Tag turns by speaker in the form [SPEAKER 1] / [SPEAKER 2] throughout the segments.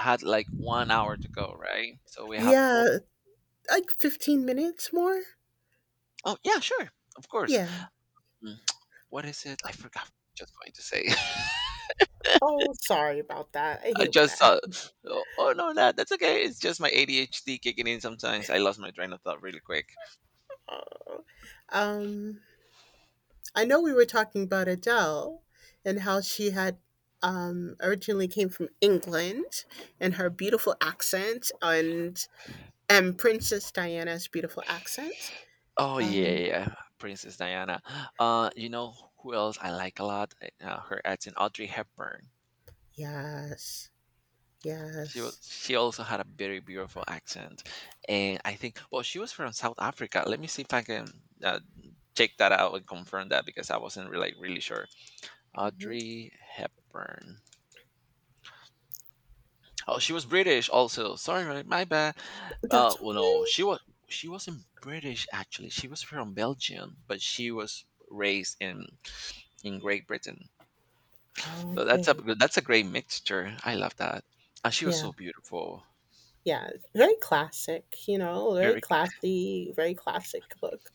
[SPEAKER 1] Had like 1 hour to go, right? So we have four.
[SPEAKER 2] Yeah, like 15 minutes more?
[SPEAKER 1] Oh yeah, sure, of course.
[SPEAKER 2] Yeah.
[SPEAKER 1] Mm, What is it? I forgot. Just going to say.
[SPEAKER 2] Oh, sorry about that. I
[SPEAKER 1] I
[SPEAKER 2] hate when that
[SPEAKER 1] just
[SPEAKER 2] happens.
[SPEAKER 1] oh, no, that's okay. It's just my ADHD kicking in sometimes. I lost my train of thought really quick.
[SPEAKER 2] Oh. Um, I know we were talking about Adele and how she had originally came from England and her beautiful accent and Princess Diana's beautiful accent.
[SPEAKER 1] Oh yeah,
[SPEAKER 2] Um,
[SPEAKER 1] yeah, yeah, Princess Diana. You know who else I like a lot? Her acting, Audrey Hepburn.
[SPEAKER 2] yes, yes.
[SPEAKER 1] She also had a very beautiful accent, and I think well she was from South Africa. Let me see if I can uh, check that out and confirm that because I wasn't really like, really sure.
[SPEAKER 2] Mhm.
[SPEAKER 1] Audrey Hepburn. Oh, she was British also. Sorry, my bad.
[SPEAKER 2] That's
[SPEAKER 1] Well,
[SPEAKER 2] okay.
[SPEAKER 1] no, she wasn't British actually. She was from Belgium, but she was raised in Great Britain. So that's a
[SPEAKER 2] Okay.
[SPEAKER 1] that's a great mixture. I love that. And she was
[SPEAKER 2] Yeah.
[SPEAKER 1] so beautiful,
[SPEAKER 2] Yeah, very classic, you know, very
[SPEAKER 1] very.
[SPEAKER 2] classy, very classic look.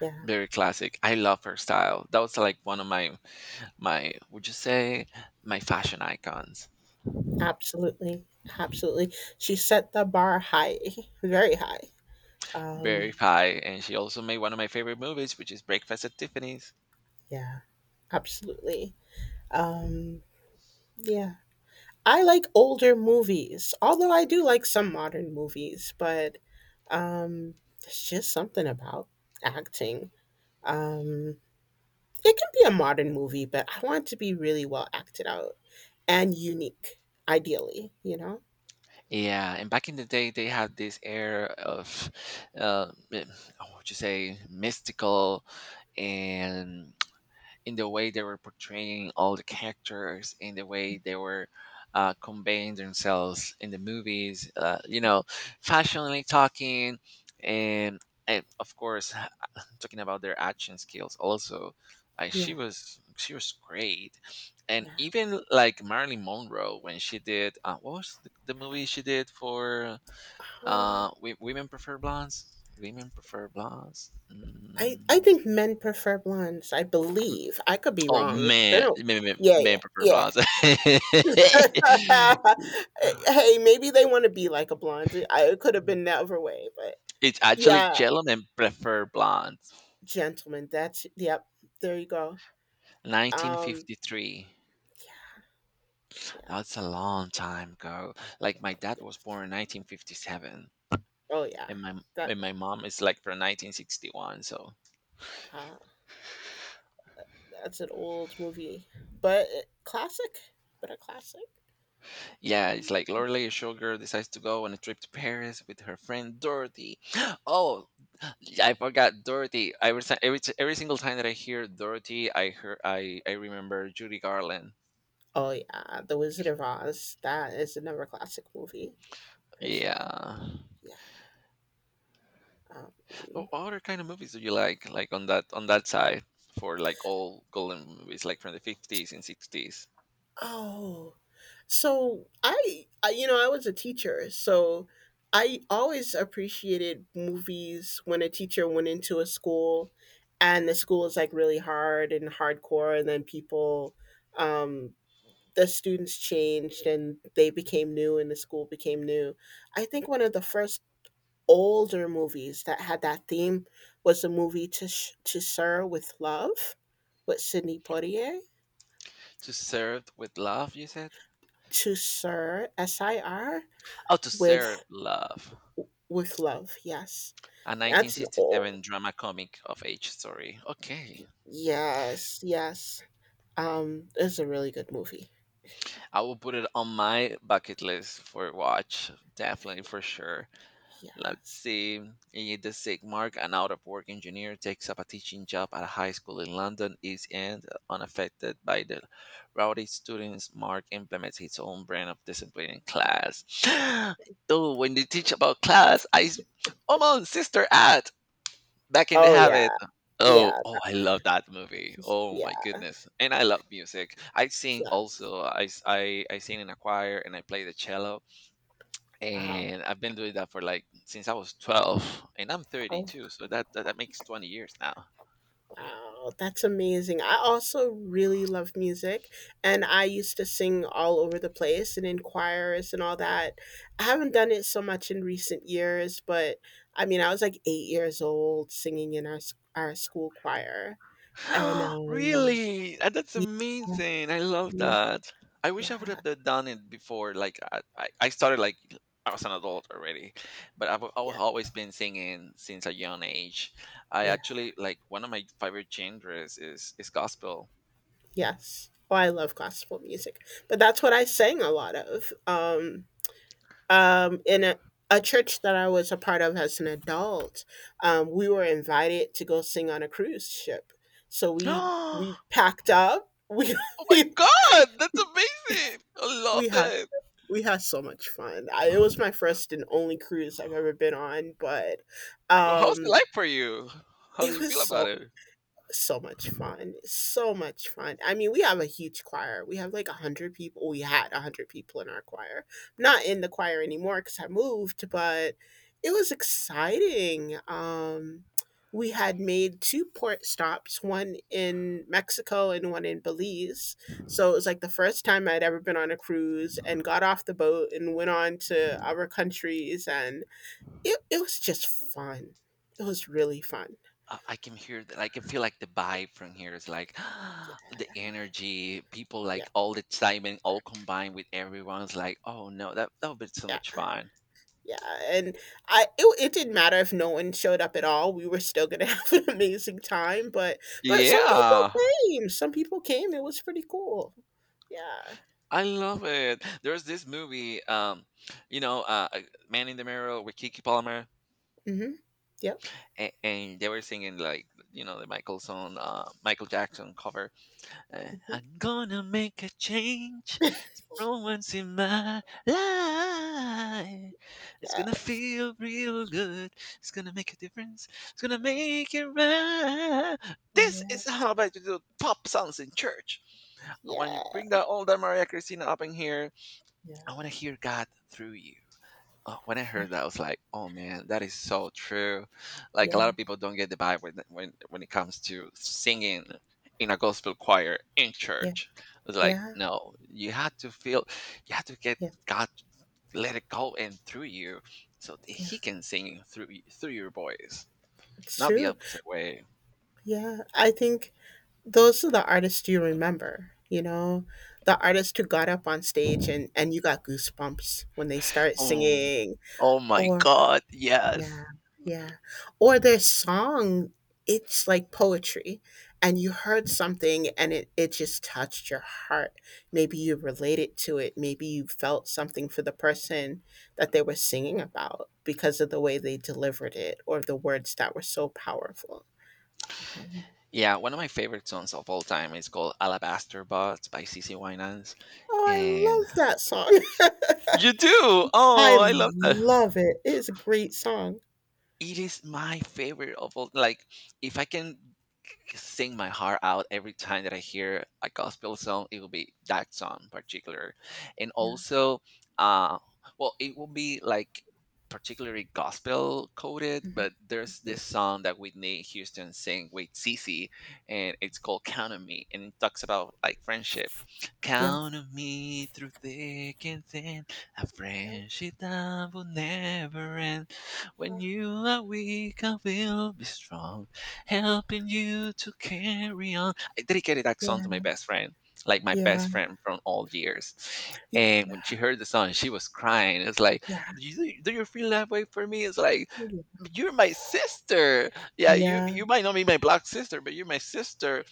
[SPEAKER 2] Yeah,
[SPEAKER 1] Very classic. I love her style. That was like one of my would you say my fashion icons.
[SPEAKER 2] absolutely, absolutely. She set the bar high, very high.
[SPEAKER 1] Very
[SPEAKER 2] Um,
[SPEAKER 1] high, and she also made one of my favorite movies, which is Breakfast at Tiffany's.
[SPEAKER 2] yeah, absolutely. Um, yeah, I like older movies, although I do like some modern movies, but um, there's just something about acting. Um, It can be a modern movie, but I want it to be really well acted out and unique, ideally, you know?
[SPEAKER 1] Yeah, and back in the day, they had this air of, uh, m- oh, what would you say, mystical and in the way they were portraying all the characters, in the way they were conveying themselves in the movies, fashionably talking, and, and of course, talking about their action skills also. Like
[SPEAKER 2] Yeah,
[SPEAKER 1] she was great, and
[SPEAKER 2] yeah.
[SPEAKER 1] even like Marilyn Monroe when she did what was the movie she did for
[SPEAKER 2] Um,
[SPEAKER 1] Women Prefer Blondes? Women Prefer Blondes.
[SPEAKER 2] I
[SPEAKER 1] Mm.
[SPEAKER 2] think men prefer blondes, I believe. I could be
[SPEAKER 1] Oh
[SPEAKER 2] wrong. It's been a. Yeah, yeah,
[SPEAKER 1] man prefer
[SPEAKER 2] yeah.
[SPEAKER 1] blondes.
[SPEAKER 2] Hey, maybe they wanna be like a blonde. I it could have been the other way, but
[SPEAKER 1] It's actually
[SPEAKER 2] yeah,
[SPEAKER 1] gentlemen prefer blondes.
[SPEAKER 2] gentlemen, that's yep, there you go. Um,
[SPEAKER 1] 1953.
[SPEAKER 2] yeah, yeah,
[SPEAKER 1] That's a long time ago. Like my dad was
[SPEAKER 2] yes.
[SPEAKER 1] born in 1957,
[SPEAKER 2] Oh, yeah.
[SPEAKER 1] and my
[SPEAKER 2] That
[SPEAKER 1] and my mom is like from 1961. So
[SPEAKER 2] wow. That's an old movie, but it- classic, but a classic.
[SPEAKER 1] yeah, it's like
[SPEAKER 2] Um,
[SPEAKER 1] Lorelai Sugar decides to go on a trip to Paris with her friend Dorothy. Oh, I forgot Dorothy. Every was every t- every single time that I hear Dorothy, I hear I remember Judy Garland.
[SPEAKER 2] oh yeah, The Wizard of Oz. That is another classic movie for sure.
[SPEAKER 1] Yeah.
[SPEAKER 2] Yeah. Um,
[SPEAKER 1] What other kind of movies do you like? Like on that side for like all golden movies, like from the 50s and sixties.
[SPEAKER 2] oh, so you know, I was a teacher, so I always appreciated movies when a teacher went into a school, and the school is like really hard and hardcore, and then people um the students changed and they became new and the school became new. I think one of the first older movies that had that theme was the movie to Sir with Love with Sidney Poitier.
[SPEAKER 1] To serve with love, you said.
[SPEAKER 2] To Sir, S I R,
[SPEAKER 1] Oh, to serve
[SPEAKER 2] with,
[SPEAKER 1] love.
[SPEAKER 2] with Love, yes.
[SPEAKER 1] A
[SPEAKER 2] That's an old,
[SPEAKER 1] 1967 drama comic of age story. Okay.
[SPEAKER 2] yes, yes. It's a really good movie.
[SPEAKER 1] I will put it on my bucket list for watch. Definitely for sure. Let's
[SPEAKER 2] Yes.
[SPEAKER 1] see. In the sick Mark, an out of work engineer, takes up a teaching job at a high school in London, East End, unaffected by the rowdy students. Mark implements his own brand of discipline in class. Though, when they teach about class, oh, on, Sister At! Back in the
[SPEAKER 2] Oh, yeah,
[SPEAKER 1] Habit. Oh,
[SPEAKER 2] yeah,
[SPEAKER 1] oh, I love that movie. Oh my
[SPEAKER 2] yeah,
[SPEAKER 1] goodness. And I love music. I sing
[SPEAKER 2] yes.
[SPEAKER 1] also. I sing in a choir and I play the cello
[SPEAKER 2] Wow.
[SPEAKER 1] and I've been doing that for like since I was 12 and I'm
[SPEAKER 2] Oh,
[SPEAKER 1] 32 so that makes 20 years
[SPEAKER 2] wow, that's amazing. I also really love music and I used to sing all over the place and in choirs and all that. I haven't done it so much in recent years, but I mean, I was like 8 years old singing in our school choir. And
[SPEAKER 1] now. Really? That's
[SPEAKER 2] yeah,
[SPEAKER 1] amazing. I love
[SPEAKER 2] yeah,
[SPEAKER 1] that. I wish I would
[SPEAKER 2] yeah,
[SPEAKER 1] have done it before like I started like I was an adult already, but I've
[SPEAKER 2] yeah,
[SPEAKER 1] always been singing since a young age. I
[SPEAKER 2] yeah,
[SPEAKER 1] actually like one of my favorite genres is gospel.
[SPEAKER 2] yes. Oh, I love gospel music. But that's what I sang a lot of. In a church that I was a part of as an adult, we were invited to go sing on a cruise ship. So we
[SPEAKER 1] Oh
[SPEAKER 2] packed up.
[SPEAKER 1] my god, that's amazing! I
[SPEAKER 2] We
[SPEAKER 1] love
[SPEAKER 2] had
[SPEAKER 1] it.
[SPEAKER 2] we had so much fun. I, it was my first and only cruise I've ever been on, but
[SPEAKER 1] Well, how's it
[SPEAKER 2] um,
[SPEAKER 1] like for you? How do
[SPEAKER 2] it
[SPEAKER 1] you
[SPEAKER 2] was
[SPEAKER 1] feel about
[SPEAKER 2] so.
[SPEAKER 1] it?
[SPEAKER 2] So much fun, so much fun. I mean, we have a huge choir. We have like 100 people. We had 100 people in our choir. Not in the choir anymore cuz I moved, but it was exciting. Um, we had made 2 port stops, one in Mexico and one in Belize. So it was like the first time I'd ever been on a cruise and got off the boat and went on to other countries and it was just fun. It was really fun.
[SPEAKER 1] I can hear that. I can feel like the vibe from here is like
[SPEAKER 2] Yeah.
[SPEAKER 1] the energy, people
[SPEAKER 2] Yeah.
[SPEAKER 1] like all the excitement, all combined with everyone's like, oh no, that would be so
[SPEAKER 2] Yeah.
[SPEAKER 1] much fun.
[SPEAKER 2] Yeah, and I it it didn't matter if no one showed up at all, we were still gonna have an amazing time, but
[SPEAKER 1] Yeah,
[SPEAKER 2] some people came, it was pretty cool. Yeah.
[SPEAKER 1] I love it. There's this movie, you know, uh, uh, Man in the Mirror with Kiki Palmer,
[SPEAKER 2] Mhm. Yep,
[SPEAKER 1] and they were singing like, you know, the Michael song, Michael Jackson cover.
[SPEAKER 2] mhm,
[SPEAKER 1] I'm gonna make a change. It's one's in my life. It's
[SPEAKER 2] yeah.
[SPEAKER 1] gonna feel real good. It's gonna make a difference. It's gonna make it right. This
[SPEAKER 2] Yeah,
[SPEAKER 1] is how I like to do pop songs in church. I want you to
[SPEAKER 2] yeah.
[SPEAKER 1] bring that older Maria Christina up in here.
[SPEAKER 2] Yeah,
[SPEAKER 1] I want to hear God through you. Oh, when I
[SPEAKER 2] yeah,
[SPEAKER 1] heard that, I was like, "Oh man, that is so true." Like a lot
[SPEAKER 2] yeah,
[SPEAKER 1] of people don't get the vibe when it comes to singing in a gospel choir in
[SPEAKER 2] yeah,
[SPEAKER 1] church. It's like,
[SPEAKER 2] yeah,
[SPEAKER 1] no, you have to feel, you have to get
[SPEAKER 2] yeah,
[SPEAKER 1] God, let it go and through you, so that
[SPEAKER 2] yeah,
[SPEAKER 1] He can sing through through your voice,
[SPEAKER 2] it's
[SPEAKER 1] not the
[SPEAKER 2] true.
[SPEAKER 1] opposite way.
[SPEAKER 2] Yeah, I think those are the artists you remember, you know? The artist who got up on stage and you got goosebumps when they start
[SPEAKER 1] Oh,
[SPEAKER 2] singing
[SPEAKER 1] oh my
[SPEAKER 2] or.
[SPEAKER 1] God,
[SPEAKER 2] Yeah,
[SPEAKER 1] yes.
[SPEAKER 2] yeah. Or their song, it's like poetry, and you heard something and it just touched your heart. Maybe you related to it, maybe you felt something for the person that they were singing about because of the way they delivered it or the words that were so powerful.
[SPEAKER 1] Yeah, one of my favorite songs of all time is called Alabaster Buds by CC Winans.
[SPEAKER 2] Oh, I
[SPEAKER 1] And
[SPEAKER 2] love that song.
[SPEAKER 1] you do?
[SPEAKER 2] I
[SPEAKER 1] Oh, I love that.
[SPEAKER 2] love it. It's a great song.
[SPEAKER 1] It is my favorite of all. Like, if I can sing my heart out every time that I hear a gospel song, it will be that song in particular. And
[SPEAKER 2] Yeah,
[SPEAKER 1] also, uh, well, it will be like particularly gospel coded, but there's this song that Whitney Houston sing with Cece, and it's called Count on Me, and it talks about like friendship.
[SPEAKER 2] yeah,
[SPEAKER 1] Count on me through thick and thin, a
[SPEAKER 2] yeah,
[SPEAKER 1] friendship that will never end. When you are weak, I will be strong, helping you to carry on. I dedicated that
[SPEAKER 2] yeah,
[SPEAKER 1] song to my
[SPEAKER 2] yeah,
[SPEAKER 1] best friend, like my best
[SPEAKER 2] yeah,
[SPEAKER 1] friend from all years. And when she heard the song, she was crying. It's like, do you feel that way for me? It's like,
[SPEAKER 2] yeah,
[SPEAKER 1] you're my sister. Yeah, you
[SPEAKER 2] yeah, yeah,
[SPEAKER 1] you might not be my black sister, but you're my sister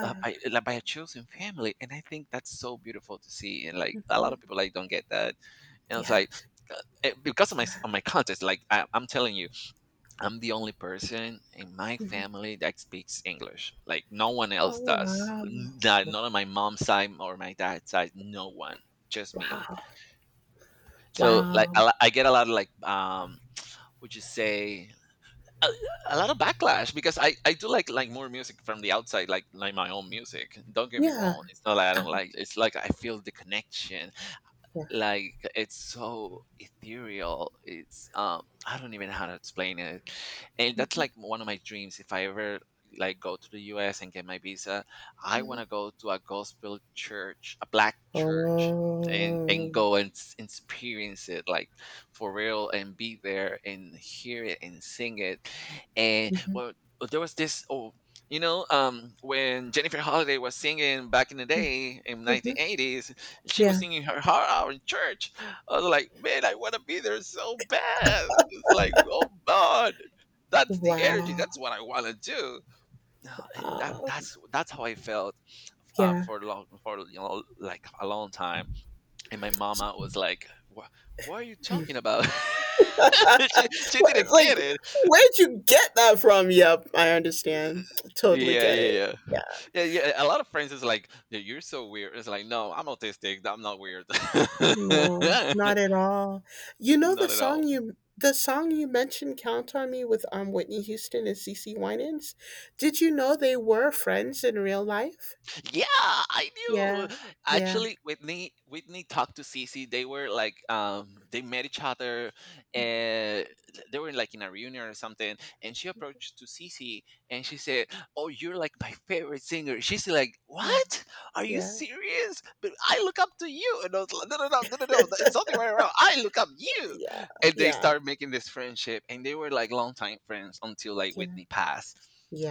[SPEAKER 1] by like, by a chosen family, and I think that's so beautiful to see, and like a lot
[SPEAKER 2] Mm.
[SPEAKER 1] of people like don't get that, and it's
[SPEAKER 2] Yeah.
[SPEAKER 1] like uh, because of of my context. Like I'm telling you, I'm the only person in my
[SPEAKER 2] Mhm.
[SPEAKER 1] family that speaks English, like no one
[SPEAKER 2] Oh,
[SPEAKER 1] else does.
[SPEAKER 2] wow.
[SPEAKER 1] Not not on my mom's side or my dad's side, no one, just me.
[SPEAKER 2] Wow.
[SPEAKER 1] So like
[SPEAKER 2] Wow.
[SPEAKER 1] I get a lot of like would you say a, a lot of backlash because I do like more music from the outside, like my own music. Don't get me
[SPEAKER 2] Yeah.
[SPEAKER 1] wrong, it's not that I don't
[SPEAKER 2] Oh,
[SPEAKER 1] like it's like I feel the connection.
[SPEAKER 2] yeah.
[SPEAKER 1] Like it's so ethereal. It's I don't even know how to explain it. And that's
[SPEAKER 2] Mhm,
[SPEAKER 1] like one of my dreams, if I ever like go to the US and get my visa, I
[SPEAKER 2] mhm.
[SPEAKER 1] want to go to a gospel church, a black church, and
[SPEAKER 2] Oh.
[SPEAKER 1] go and experience it like for real, and be there and hear it and sing it. And
[SPEAKER 2] Mhm,
[SPEAKER 1] well, there was this, oh, you know, when Jennifer Holiday was singing back in the day in
[SPEAKER 2] mhm.
[SPEAKER 1] 1980s, she was
[SPEAKER 2] Yeah.
[SPEAKER 1] singing her heart out in church. I was like, man, I want to be there so bad. It's like, oh God, that's the energy.
[SPEAKER 2] Wow.
[SPEAKER 1] That's what I want to do. And that's how I felt
[SPEAKER 2] Yeah.
[SPEAKER 1] for long, for you know like a long time. And my mama was like, what? What are you talking about?
[SPEAKER 2] Uh,
[SPEAKER 1] She
[SPEAKER 2] what,
[SPEAKER 1] didn't
[SPEAKER 2] like,
[SPEAKER 1] get it.
[SPEAKER 2] where'd you get that from? Yep, I understand. Totally
[SPEAKER 1] Yeah,
[SPEAKER 2] get it.
[SPEAKER 1] yeah, yeah.
[SPEAKER 2] Yeah.
[SPEAKER 1] Yeah, yeah. A lot of friends is like, "Yeah, you're so weird." It's like, no, I'm autistic. I'm not weird.
[SPEAKER 2] No, not at all. You know
[SPEAKER 1] Not at all.
[SPEAKER 2] the song you mentioned, "Count on Me," with Whitney Houston and CeCe Winans. Did you know they were friends in real life?
[SPEAKER 1] Yeah, I knew.
[SPEAKER 2] Yeah, yeah,
[SPEAKER 1] Actually, Whitney talked to Cece. They were like they met each other and they were like in a reunion or something. And she approached to Cece and she said, "Oh, you're like my favorite singer." She's like,
[SPEAKER 2] yeah,
[SPEAKER 1] "What? Are you
[SPEAKER 2] yeah,
[SPEAKER 1] serious? But I look up to you." And I was like, "No, no, no, no, no, no. It's all the way around. I look up you."
[SPEAKER 2] yeah,
[SPEAKER 1] And they
[SPEAKER 2] yeah,
[SPEAKER 1] started making this friendship, and they were like longtime friends until like
[SPEAKER 2] yeah,
[SPEAKER 1] Whitney passed.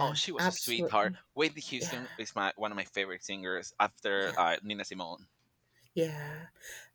[SPEAKER 1] Oh, she was a sweetheart.
[SPEAKER 2] absolutely.
[SPEAKER 1] Whitney
[SPEAKER 2] Yeah,
[SPEAKER 1] Houston is my one of my favorite singers after
[SPEAKER 2] yeah,
[SPEAKER 1] Nina Simone.
[SPEAKER 2] yeah.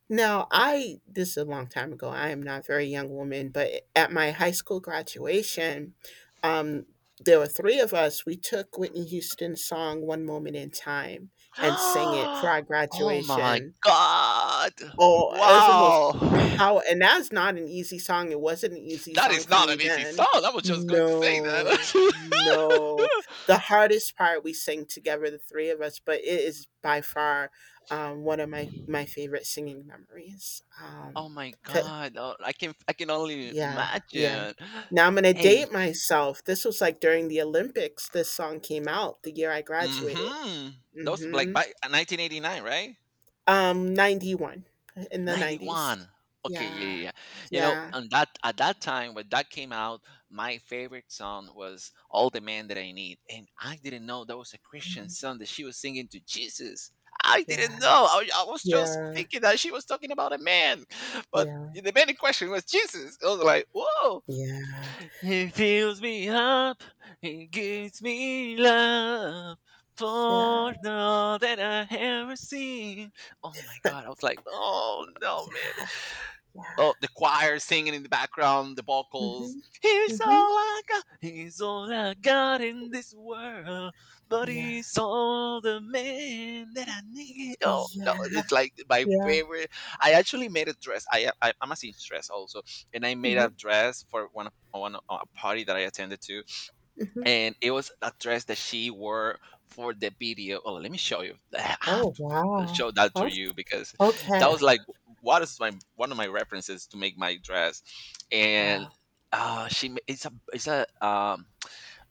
[SPEAKER 2] Now, I, this is a long time ago. I am not a very young woman, but at my high school graduation, um, there were 3 of us. We took Whitney Houston's song, One Moment in Time, and sang it for our
[SPEAKER 1] Oh my
[SPEAKER 2] graduation.
[SPEAKER 1] god!
[SPEAKER 2] Oh, it's almost
[SPEAKER 1] Wow!
[SPEAKER 2] power, and that's not an easy song, it wasn't an easy
[SPEAKER 1] That
[SPEAKER 2] song
[SPEAKER 1] is
[SPEAKER 2] for
[SPEAKER 1] not
[SPEAKER 2] me
[SPEAKER 1] an easy
[SPEAKER 2] then.
[SPEAKER 1] song. I was just going to say
[SPEAKER 2] No,
[SPEAKER 1] that.
[SPEAKER 2] no. The hardest part we sang together, the 3 of us, but it is by far, one of my favorite singing memories.
[SPEAKER 1] Oh my
[SPEAKER 2] C
[SPEAKER 1] god! Oh, I can only
[SPEAKER 2] yeah, yeah.
[SPEAKER 1] imagine.
[SPEAKER 2] Now I'm gonna
[SPEAKER 1] Hey,
[SPEAKER 2] date myself, this was, like, during the Olympics, this song came out the year I graduated.
[SPEAKER 1] mm-hmm. Those like
[SPEAKER 2] Mhm.
[SPEAKER 1] by 1989, right?
[SPEAKER 2] 91, in the 90s.
[SPEAKER 1] '91. Okay, yeah, yeah,
[SPEAKER 2] Yeah,
[SPEAKER 1] yeah. You know,
[SPEAKER 2] yeah.
[SPEAKER 1] and that at that time when that came out, my favorite song was All the Man That I Need. And I didn't know that was a Christian song that she was singing to Jesus. I
[SPEAKER 2] Yeah,
[SPEAKER 1] didn't know. I was just
[SPEAKER 2] yeah,
[SPEAKER 1] thinking that she was talking about a man. But
[SPEAKER 2] yeah,
[SPEAKER 1] the man in question was Jesus. I was like, whoa.
[SPEAKER 2] yeah,
[SPEAKER 1] He fills me up, he gives me love.
[SPEAKER 2] yeah,
[SPEAKER 1] For all that I have received. Oh my god, I was like, oh no, man.
[SPEAKER 2] yeah.
[SPEAKER 1] Oh, the choir singing in the background, the
[SPEAKER 2] Mm-hmm,
[SPEAKER 1] vocals. Here's all
[SPEAKER 2] mm-hmm,
[SPEAKER 1] I got. Here's all I got in this world, but
[SPEAKER 2] yeah,
[SPEAKER 1] he's all the man that I need. Oh no,
[SPEAKER 2] yeah,
[SPEAKER 1] it's like my
[SPEAKER 2] yeah.
[SPEAKER 1] favorite. I actually made a dress. I'm a seamstress also, and I made
[SPEAKER 2] Mm-hmm,
[SPEAKER 1] a dress for a party that I attended to,
[SPEAKER 2] mm-hmm.
[SPEAKER 1] and it was a dress that she wore for the video. Oh, let me show you. I have
[SPEAKER 2] Oh,
[SPEAKER 1] to
[SPEAKER 2] wow.
[SPEAKER 1] show that to
[SPEAKER 2] Oh,
[SPEAKER 1] you because that
[SPEAKER 2] okay.
[SPEAKER 1] was like what is my one of my references to make my dress, and
[SPEAKER 2] Wow.
[SPEAKER 1] it's a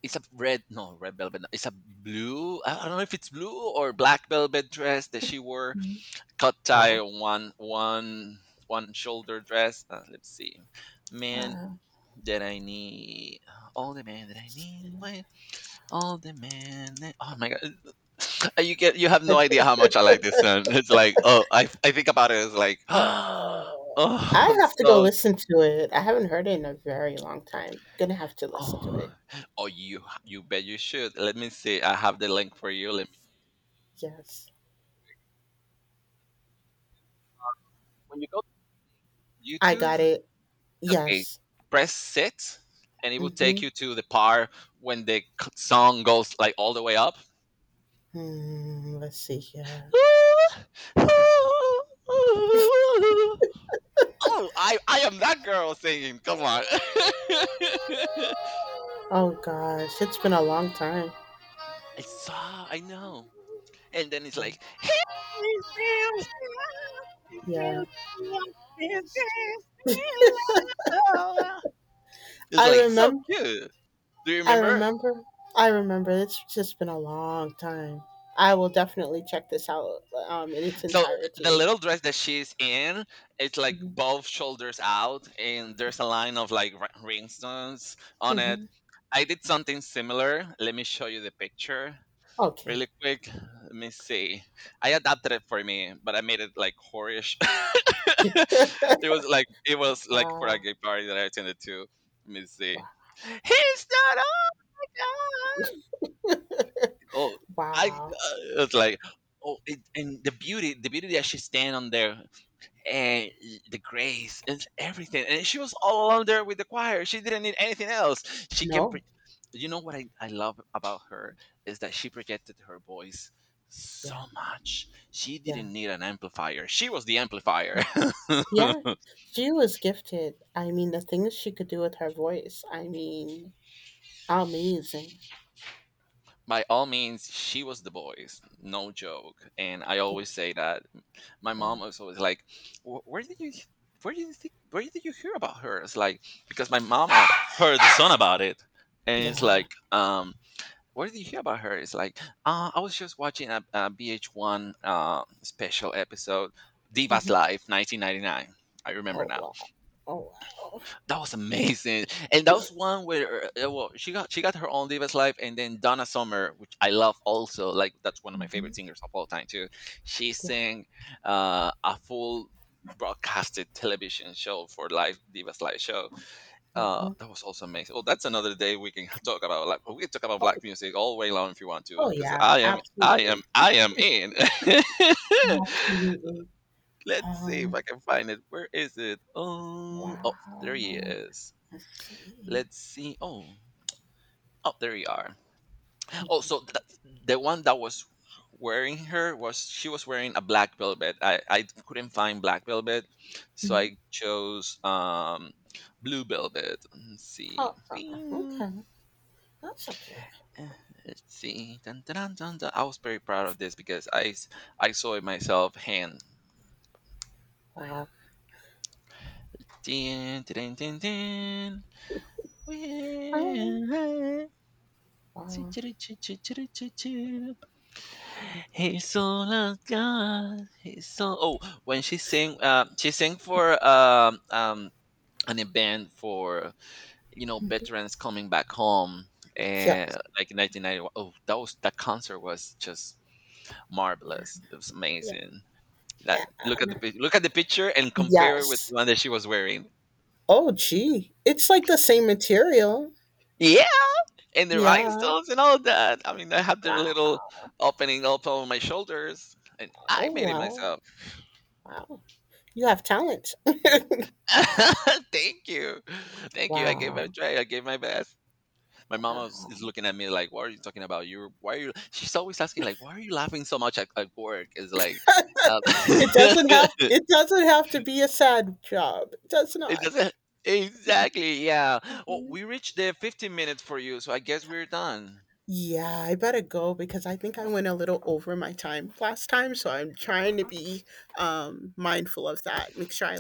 [SPEAKER 1] it's a red velvet no, it's a blue. I don't know if it's blue or black velvet dress that she wore,
[SPEAKER 2] Mhm.
[SPEAKER 1] cut tie
[SPEAKER 2] Wow.
[SPEAKER 1] one shoulder dress. Let's see. Man
[SPEAKER 2] Uh,
[SPEAKER 1] that I need, all the man that I need. Wait, all the man oh my god. You have no idea how much I like this song. It's like, oh, I think about it. It's like, oh,
[SPEAKER 2] oh, I have
[SPEAKER 1] it's
[SPEAKER 2] to go
[SPEAKER 1] so,
[SPEAKER 2] listen to it. I haven't heard it in a very long time. Gonna have to listen to it.
[SPEAKER 1] oh, oh, you bet you should. Let me see. I have the link for you. Let me.
[SPEAKER 2] Yes.
[SPEAKER 1] When you go to
[SPEAKER 2] I got
[SPEAKER 1] YouTube,
[SPEAKER 2] it.
[SPEAKER 1] okay,
[SPEAKER 2] Yes.
[SPEAKER 1] press sit, and it will
[SPEAKER 2] Mm-hmm.
[SPEAKER 1] take you to the part when song goes like all the way up.
[SPEAKER 2] Hmm, let's see here.
[SPEAKER 1] Oh, I am that girl singing. Come on. I
[SPEAKER 2] Oh gosh, it's been a long time.
[SPEAKER 1] saw. I know. And then it's like.
[SPEAKER 2] Yeah.
[SPEAKER 1] It's
[SPEAKER 2] I
[SPEAKER 1] like so
[SPEAKER 2] remember
[SPEAKER 1] cute. Do you
[SPEAKER 2] I
[SPEAKER 1] remember?
[SPEAKER 2] remember I remember it's just been a long time. I will definitely check this out in its
[SPEAKER 1] So the
[SPEAKER 2] entirety.
[SPEAKER 1] little dress that she's in, it's like
[SPEAKER 2] Mhm.
[SPEAKER 1] both shoulders out, and there's a line of like rhinestones on it.
[SPEAKER 2] Mhm.
[SPEAKER 1] I did something similar. Let me show you the picture.
[SPEAKER 2] Okay.
[SPEAKER 1] Really quick, let me see. I adapted it for me, but I made it like whorish. It was like for a
[SPEAKER 2] Wow.
[SPEAKER 1] gay party that I attended to. Let me see.
[SPEAKER 2] Wow.
[SPEAKER 1] He's not on. Oh, I
[SPEAKER 2] Wow.
[SPEAKER 1] it's like, oh, it, and the beauty that she stand on there, and the grace and everything. And she was all alone there with the choir. She didn't need anything else. She can
[SPEAKER 2] No.
[SPEAKER 1] you know what, I love about her is that she projected her voice so
[SPEAKER 2] Yeah.
[SPEAKER 1] much. She
[SPEAKER 2] Yeah.
[SPEAKER 1] didn't need an amplifier. She was the amplifier.
[SPEAKER 2] Yeah. She was gifted. I mean, the things she could do with her voice. I mean, amazing.
[SPEAKER 1] By all means, she was the voice. No joke. And I always say that my
[SPEAKER 2] Yeah.
[SPEAKER 1] mom was always like, " Where did you?" Where did you think? Where did you hear about her? It's like, because my mama heard the song about it, and it's
[SPEAKER 2] Yeah.
[SPEAKER 1] like, what did you hear about her? It's like, I was just watching a BH1 special episode, Divas
[SPEAKER 2] Mhm.
[SPEAKER 1] Live 1999. I remember
[SPEAKER 2] Oh
[SPEAKER 1] now.
[SPEAKER 2] wow. Oh wow.
[SPEAKER 1] That was amazing, and that was one where well, she got her own Divas Live, and then Donna Summer, which I love also. Like that's one of my
[SPEAKER 2] Hmm.
[SPEAKER 1] favorite singers of all time too. She
[SPEAKER 2] Yeah.
[SPEAKER 1] sang a full broadcasted television show for live Divas Live show,
[SPEAKER 2] Hmm.
[SPEAKER 1] that was also amazing. Well, that's another day we can talk about. Like we can talk about
[SPEAKER 2] Oh,
[SPEAKER 1] black music all way long if you want to,
[SPEAKER 2] oh
[SPEAKER 1] because
[SPEAKER 2] yeah. Absolutely.
[SPEAKER 1] I am in.
[SPEAKER 2] Absolutely.
[SPEAKER 1] Let's see if
[SPEAKER 2] Um.
[SPEAKER 1] I can find it. Where is it? Oh, oh, there he
[SPEAKER 2] Wow.
[SPEAKER 1] is.
[SPEAKER 2] Let's see.
[SPEAKER 1] Let's see. Oh, oh, there you are. Oh, so the one that was wearing her, was she was wearing a black velvet. I couldn't find black velvet, so
[SPEAKER 2] Hmm.
[SPEAKER 1] I chose blue velvet. Let's
[SPEAKER 2] Oh,
[SPEAKER 1] see. Bing.
[SPEAKER 2] okay. That's okay.
[SPEAKER 1] Uh, Let's see. Dun, dun, dun, dun, dun. I was very proud of this because I saw it myself hand.
[SPEAKER 2] Wow.
[SPEAKER 1] Din, din, din, din.
[SPEAKER 2] Um.
[SPEAKER 1] Well, choo,
[SPEAKER 2] Wow.
[SPEAKER 1] choo, choo, choo, choo, choo, choo, choo. He's all of God. He's all. Oh, when she sang for an event for you know veterans coming back home, and
[SPEAKER 2] Yes.
[SPEAKER 1] like in 1991. Oh, that was, that concert was just marvelous. It was
[SPEAKER 2] Yeah.
[SPEAKER 1] amazing. That,
[SPEAKER 2] yeah.
[SPEAKER 1] look at look at the picture and compare it with
[SPEAKER 2] Yes.
[SPEAKER 1] the one that she was wearing.
[SPEAKER 2] Oh gee. It's like the same material.
[SPEAKER 1] Yeah, and the
[SPEAKER 2] Yeah.
[SPEAKER 1] rhinestones and all that. I mean, I have their
[SPEAKER 2] Wow.
[SPEAKER 1] little opening up on my shoulders, and I
[SPEAKER 2] Oh
[SPEAKER 1] made it
[SPEAKER 2] wow.
[SPEAKER 1] myself.
[SPEAKER 2] Wow. You have talent.
[SPEAKER 1] Thank you, thank you. I gave it a
[SPEAKER 2] Wow.
[SPEAKER 1] try. I gave my best. My mom was, is
[SPEAKER 2] Wow.
[SPEAKER 1] looking at me like, "What are you talking about? You why are you?" She's always asking like, "Why are you laughing so much at work?" It's like, um,
[SPEAKER 2] It doesn't have to be a sad job. It does
[SPEAKER 1] it
[SPEAKER 2] not.
[SPEAKER 1] doesn't, exactly. Yeah. Well, we reached the 15 minutes for you, so I guess we're done.
[SPEAKER 2] Yeah, I better go because I think I went a little over my time last time, so I'm trying to be mindful of that. Make sure I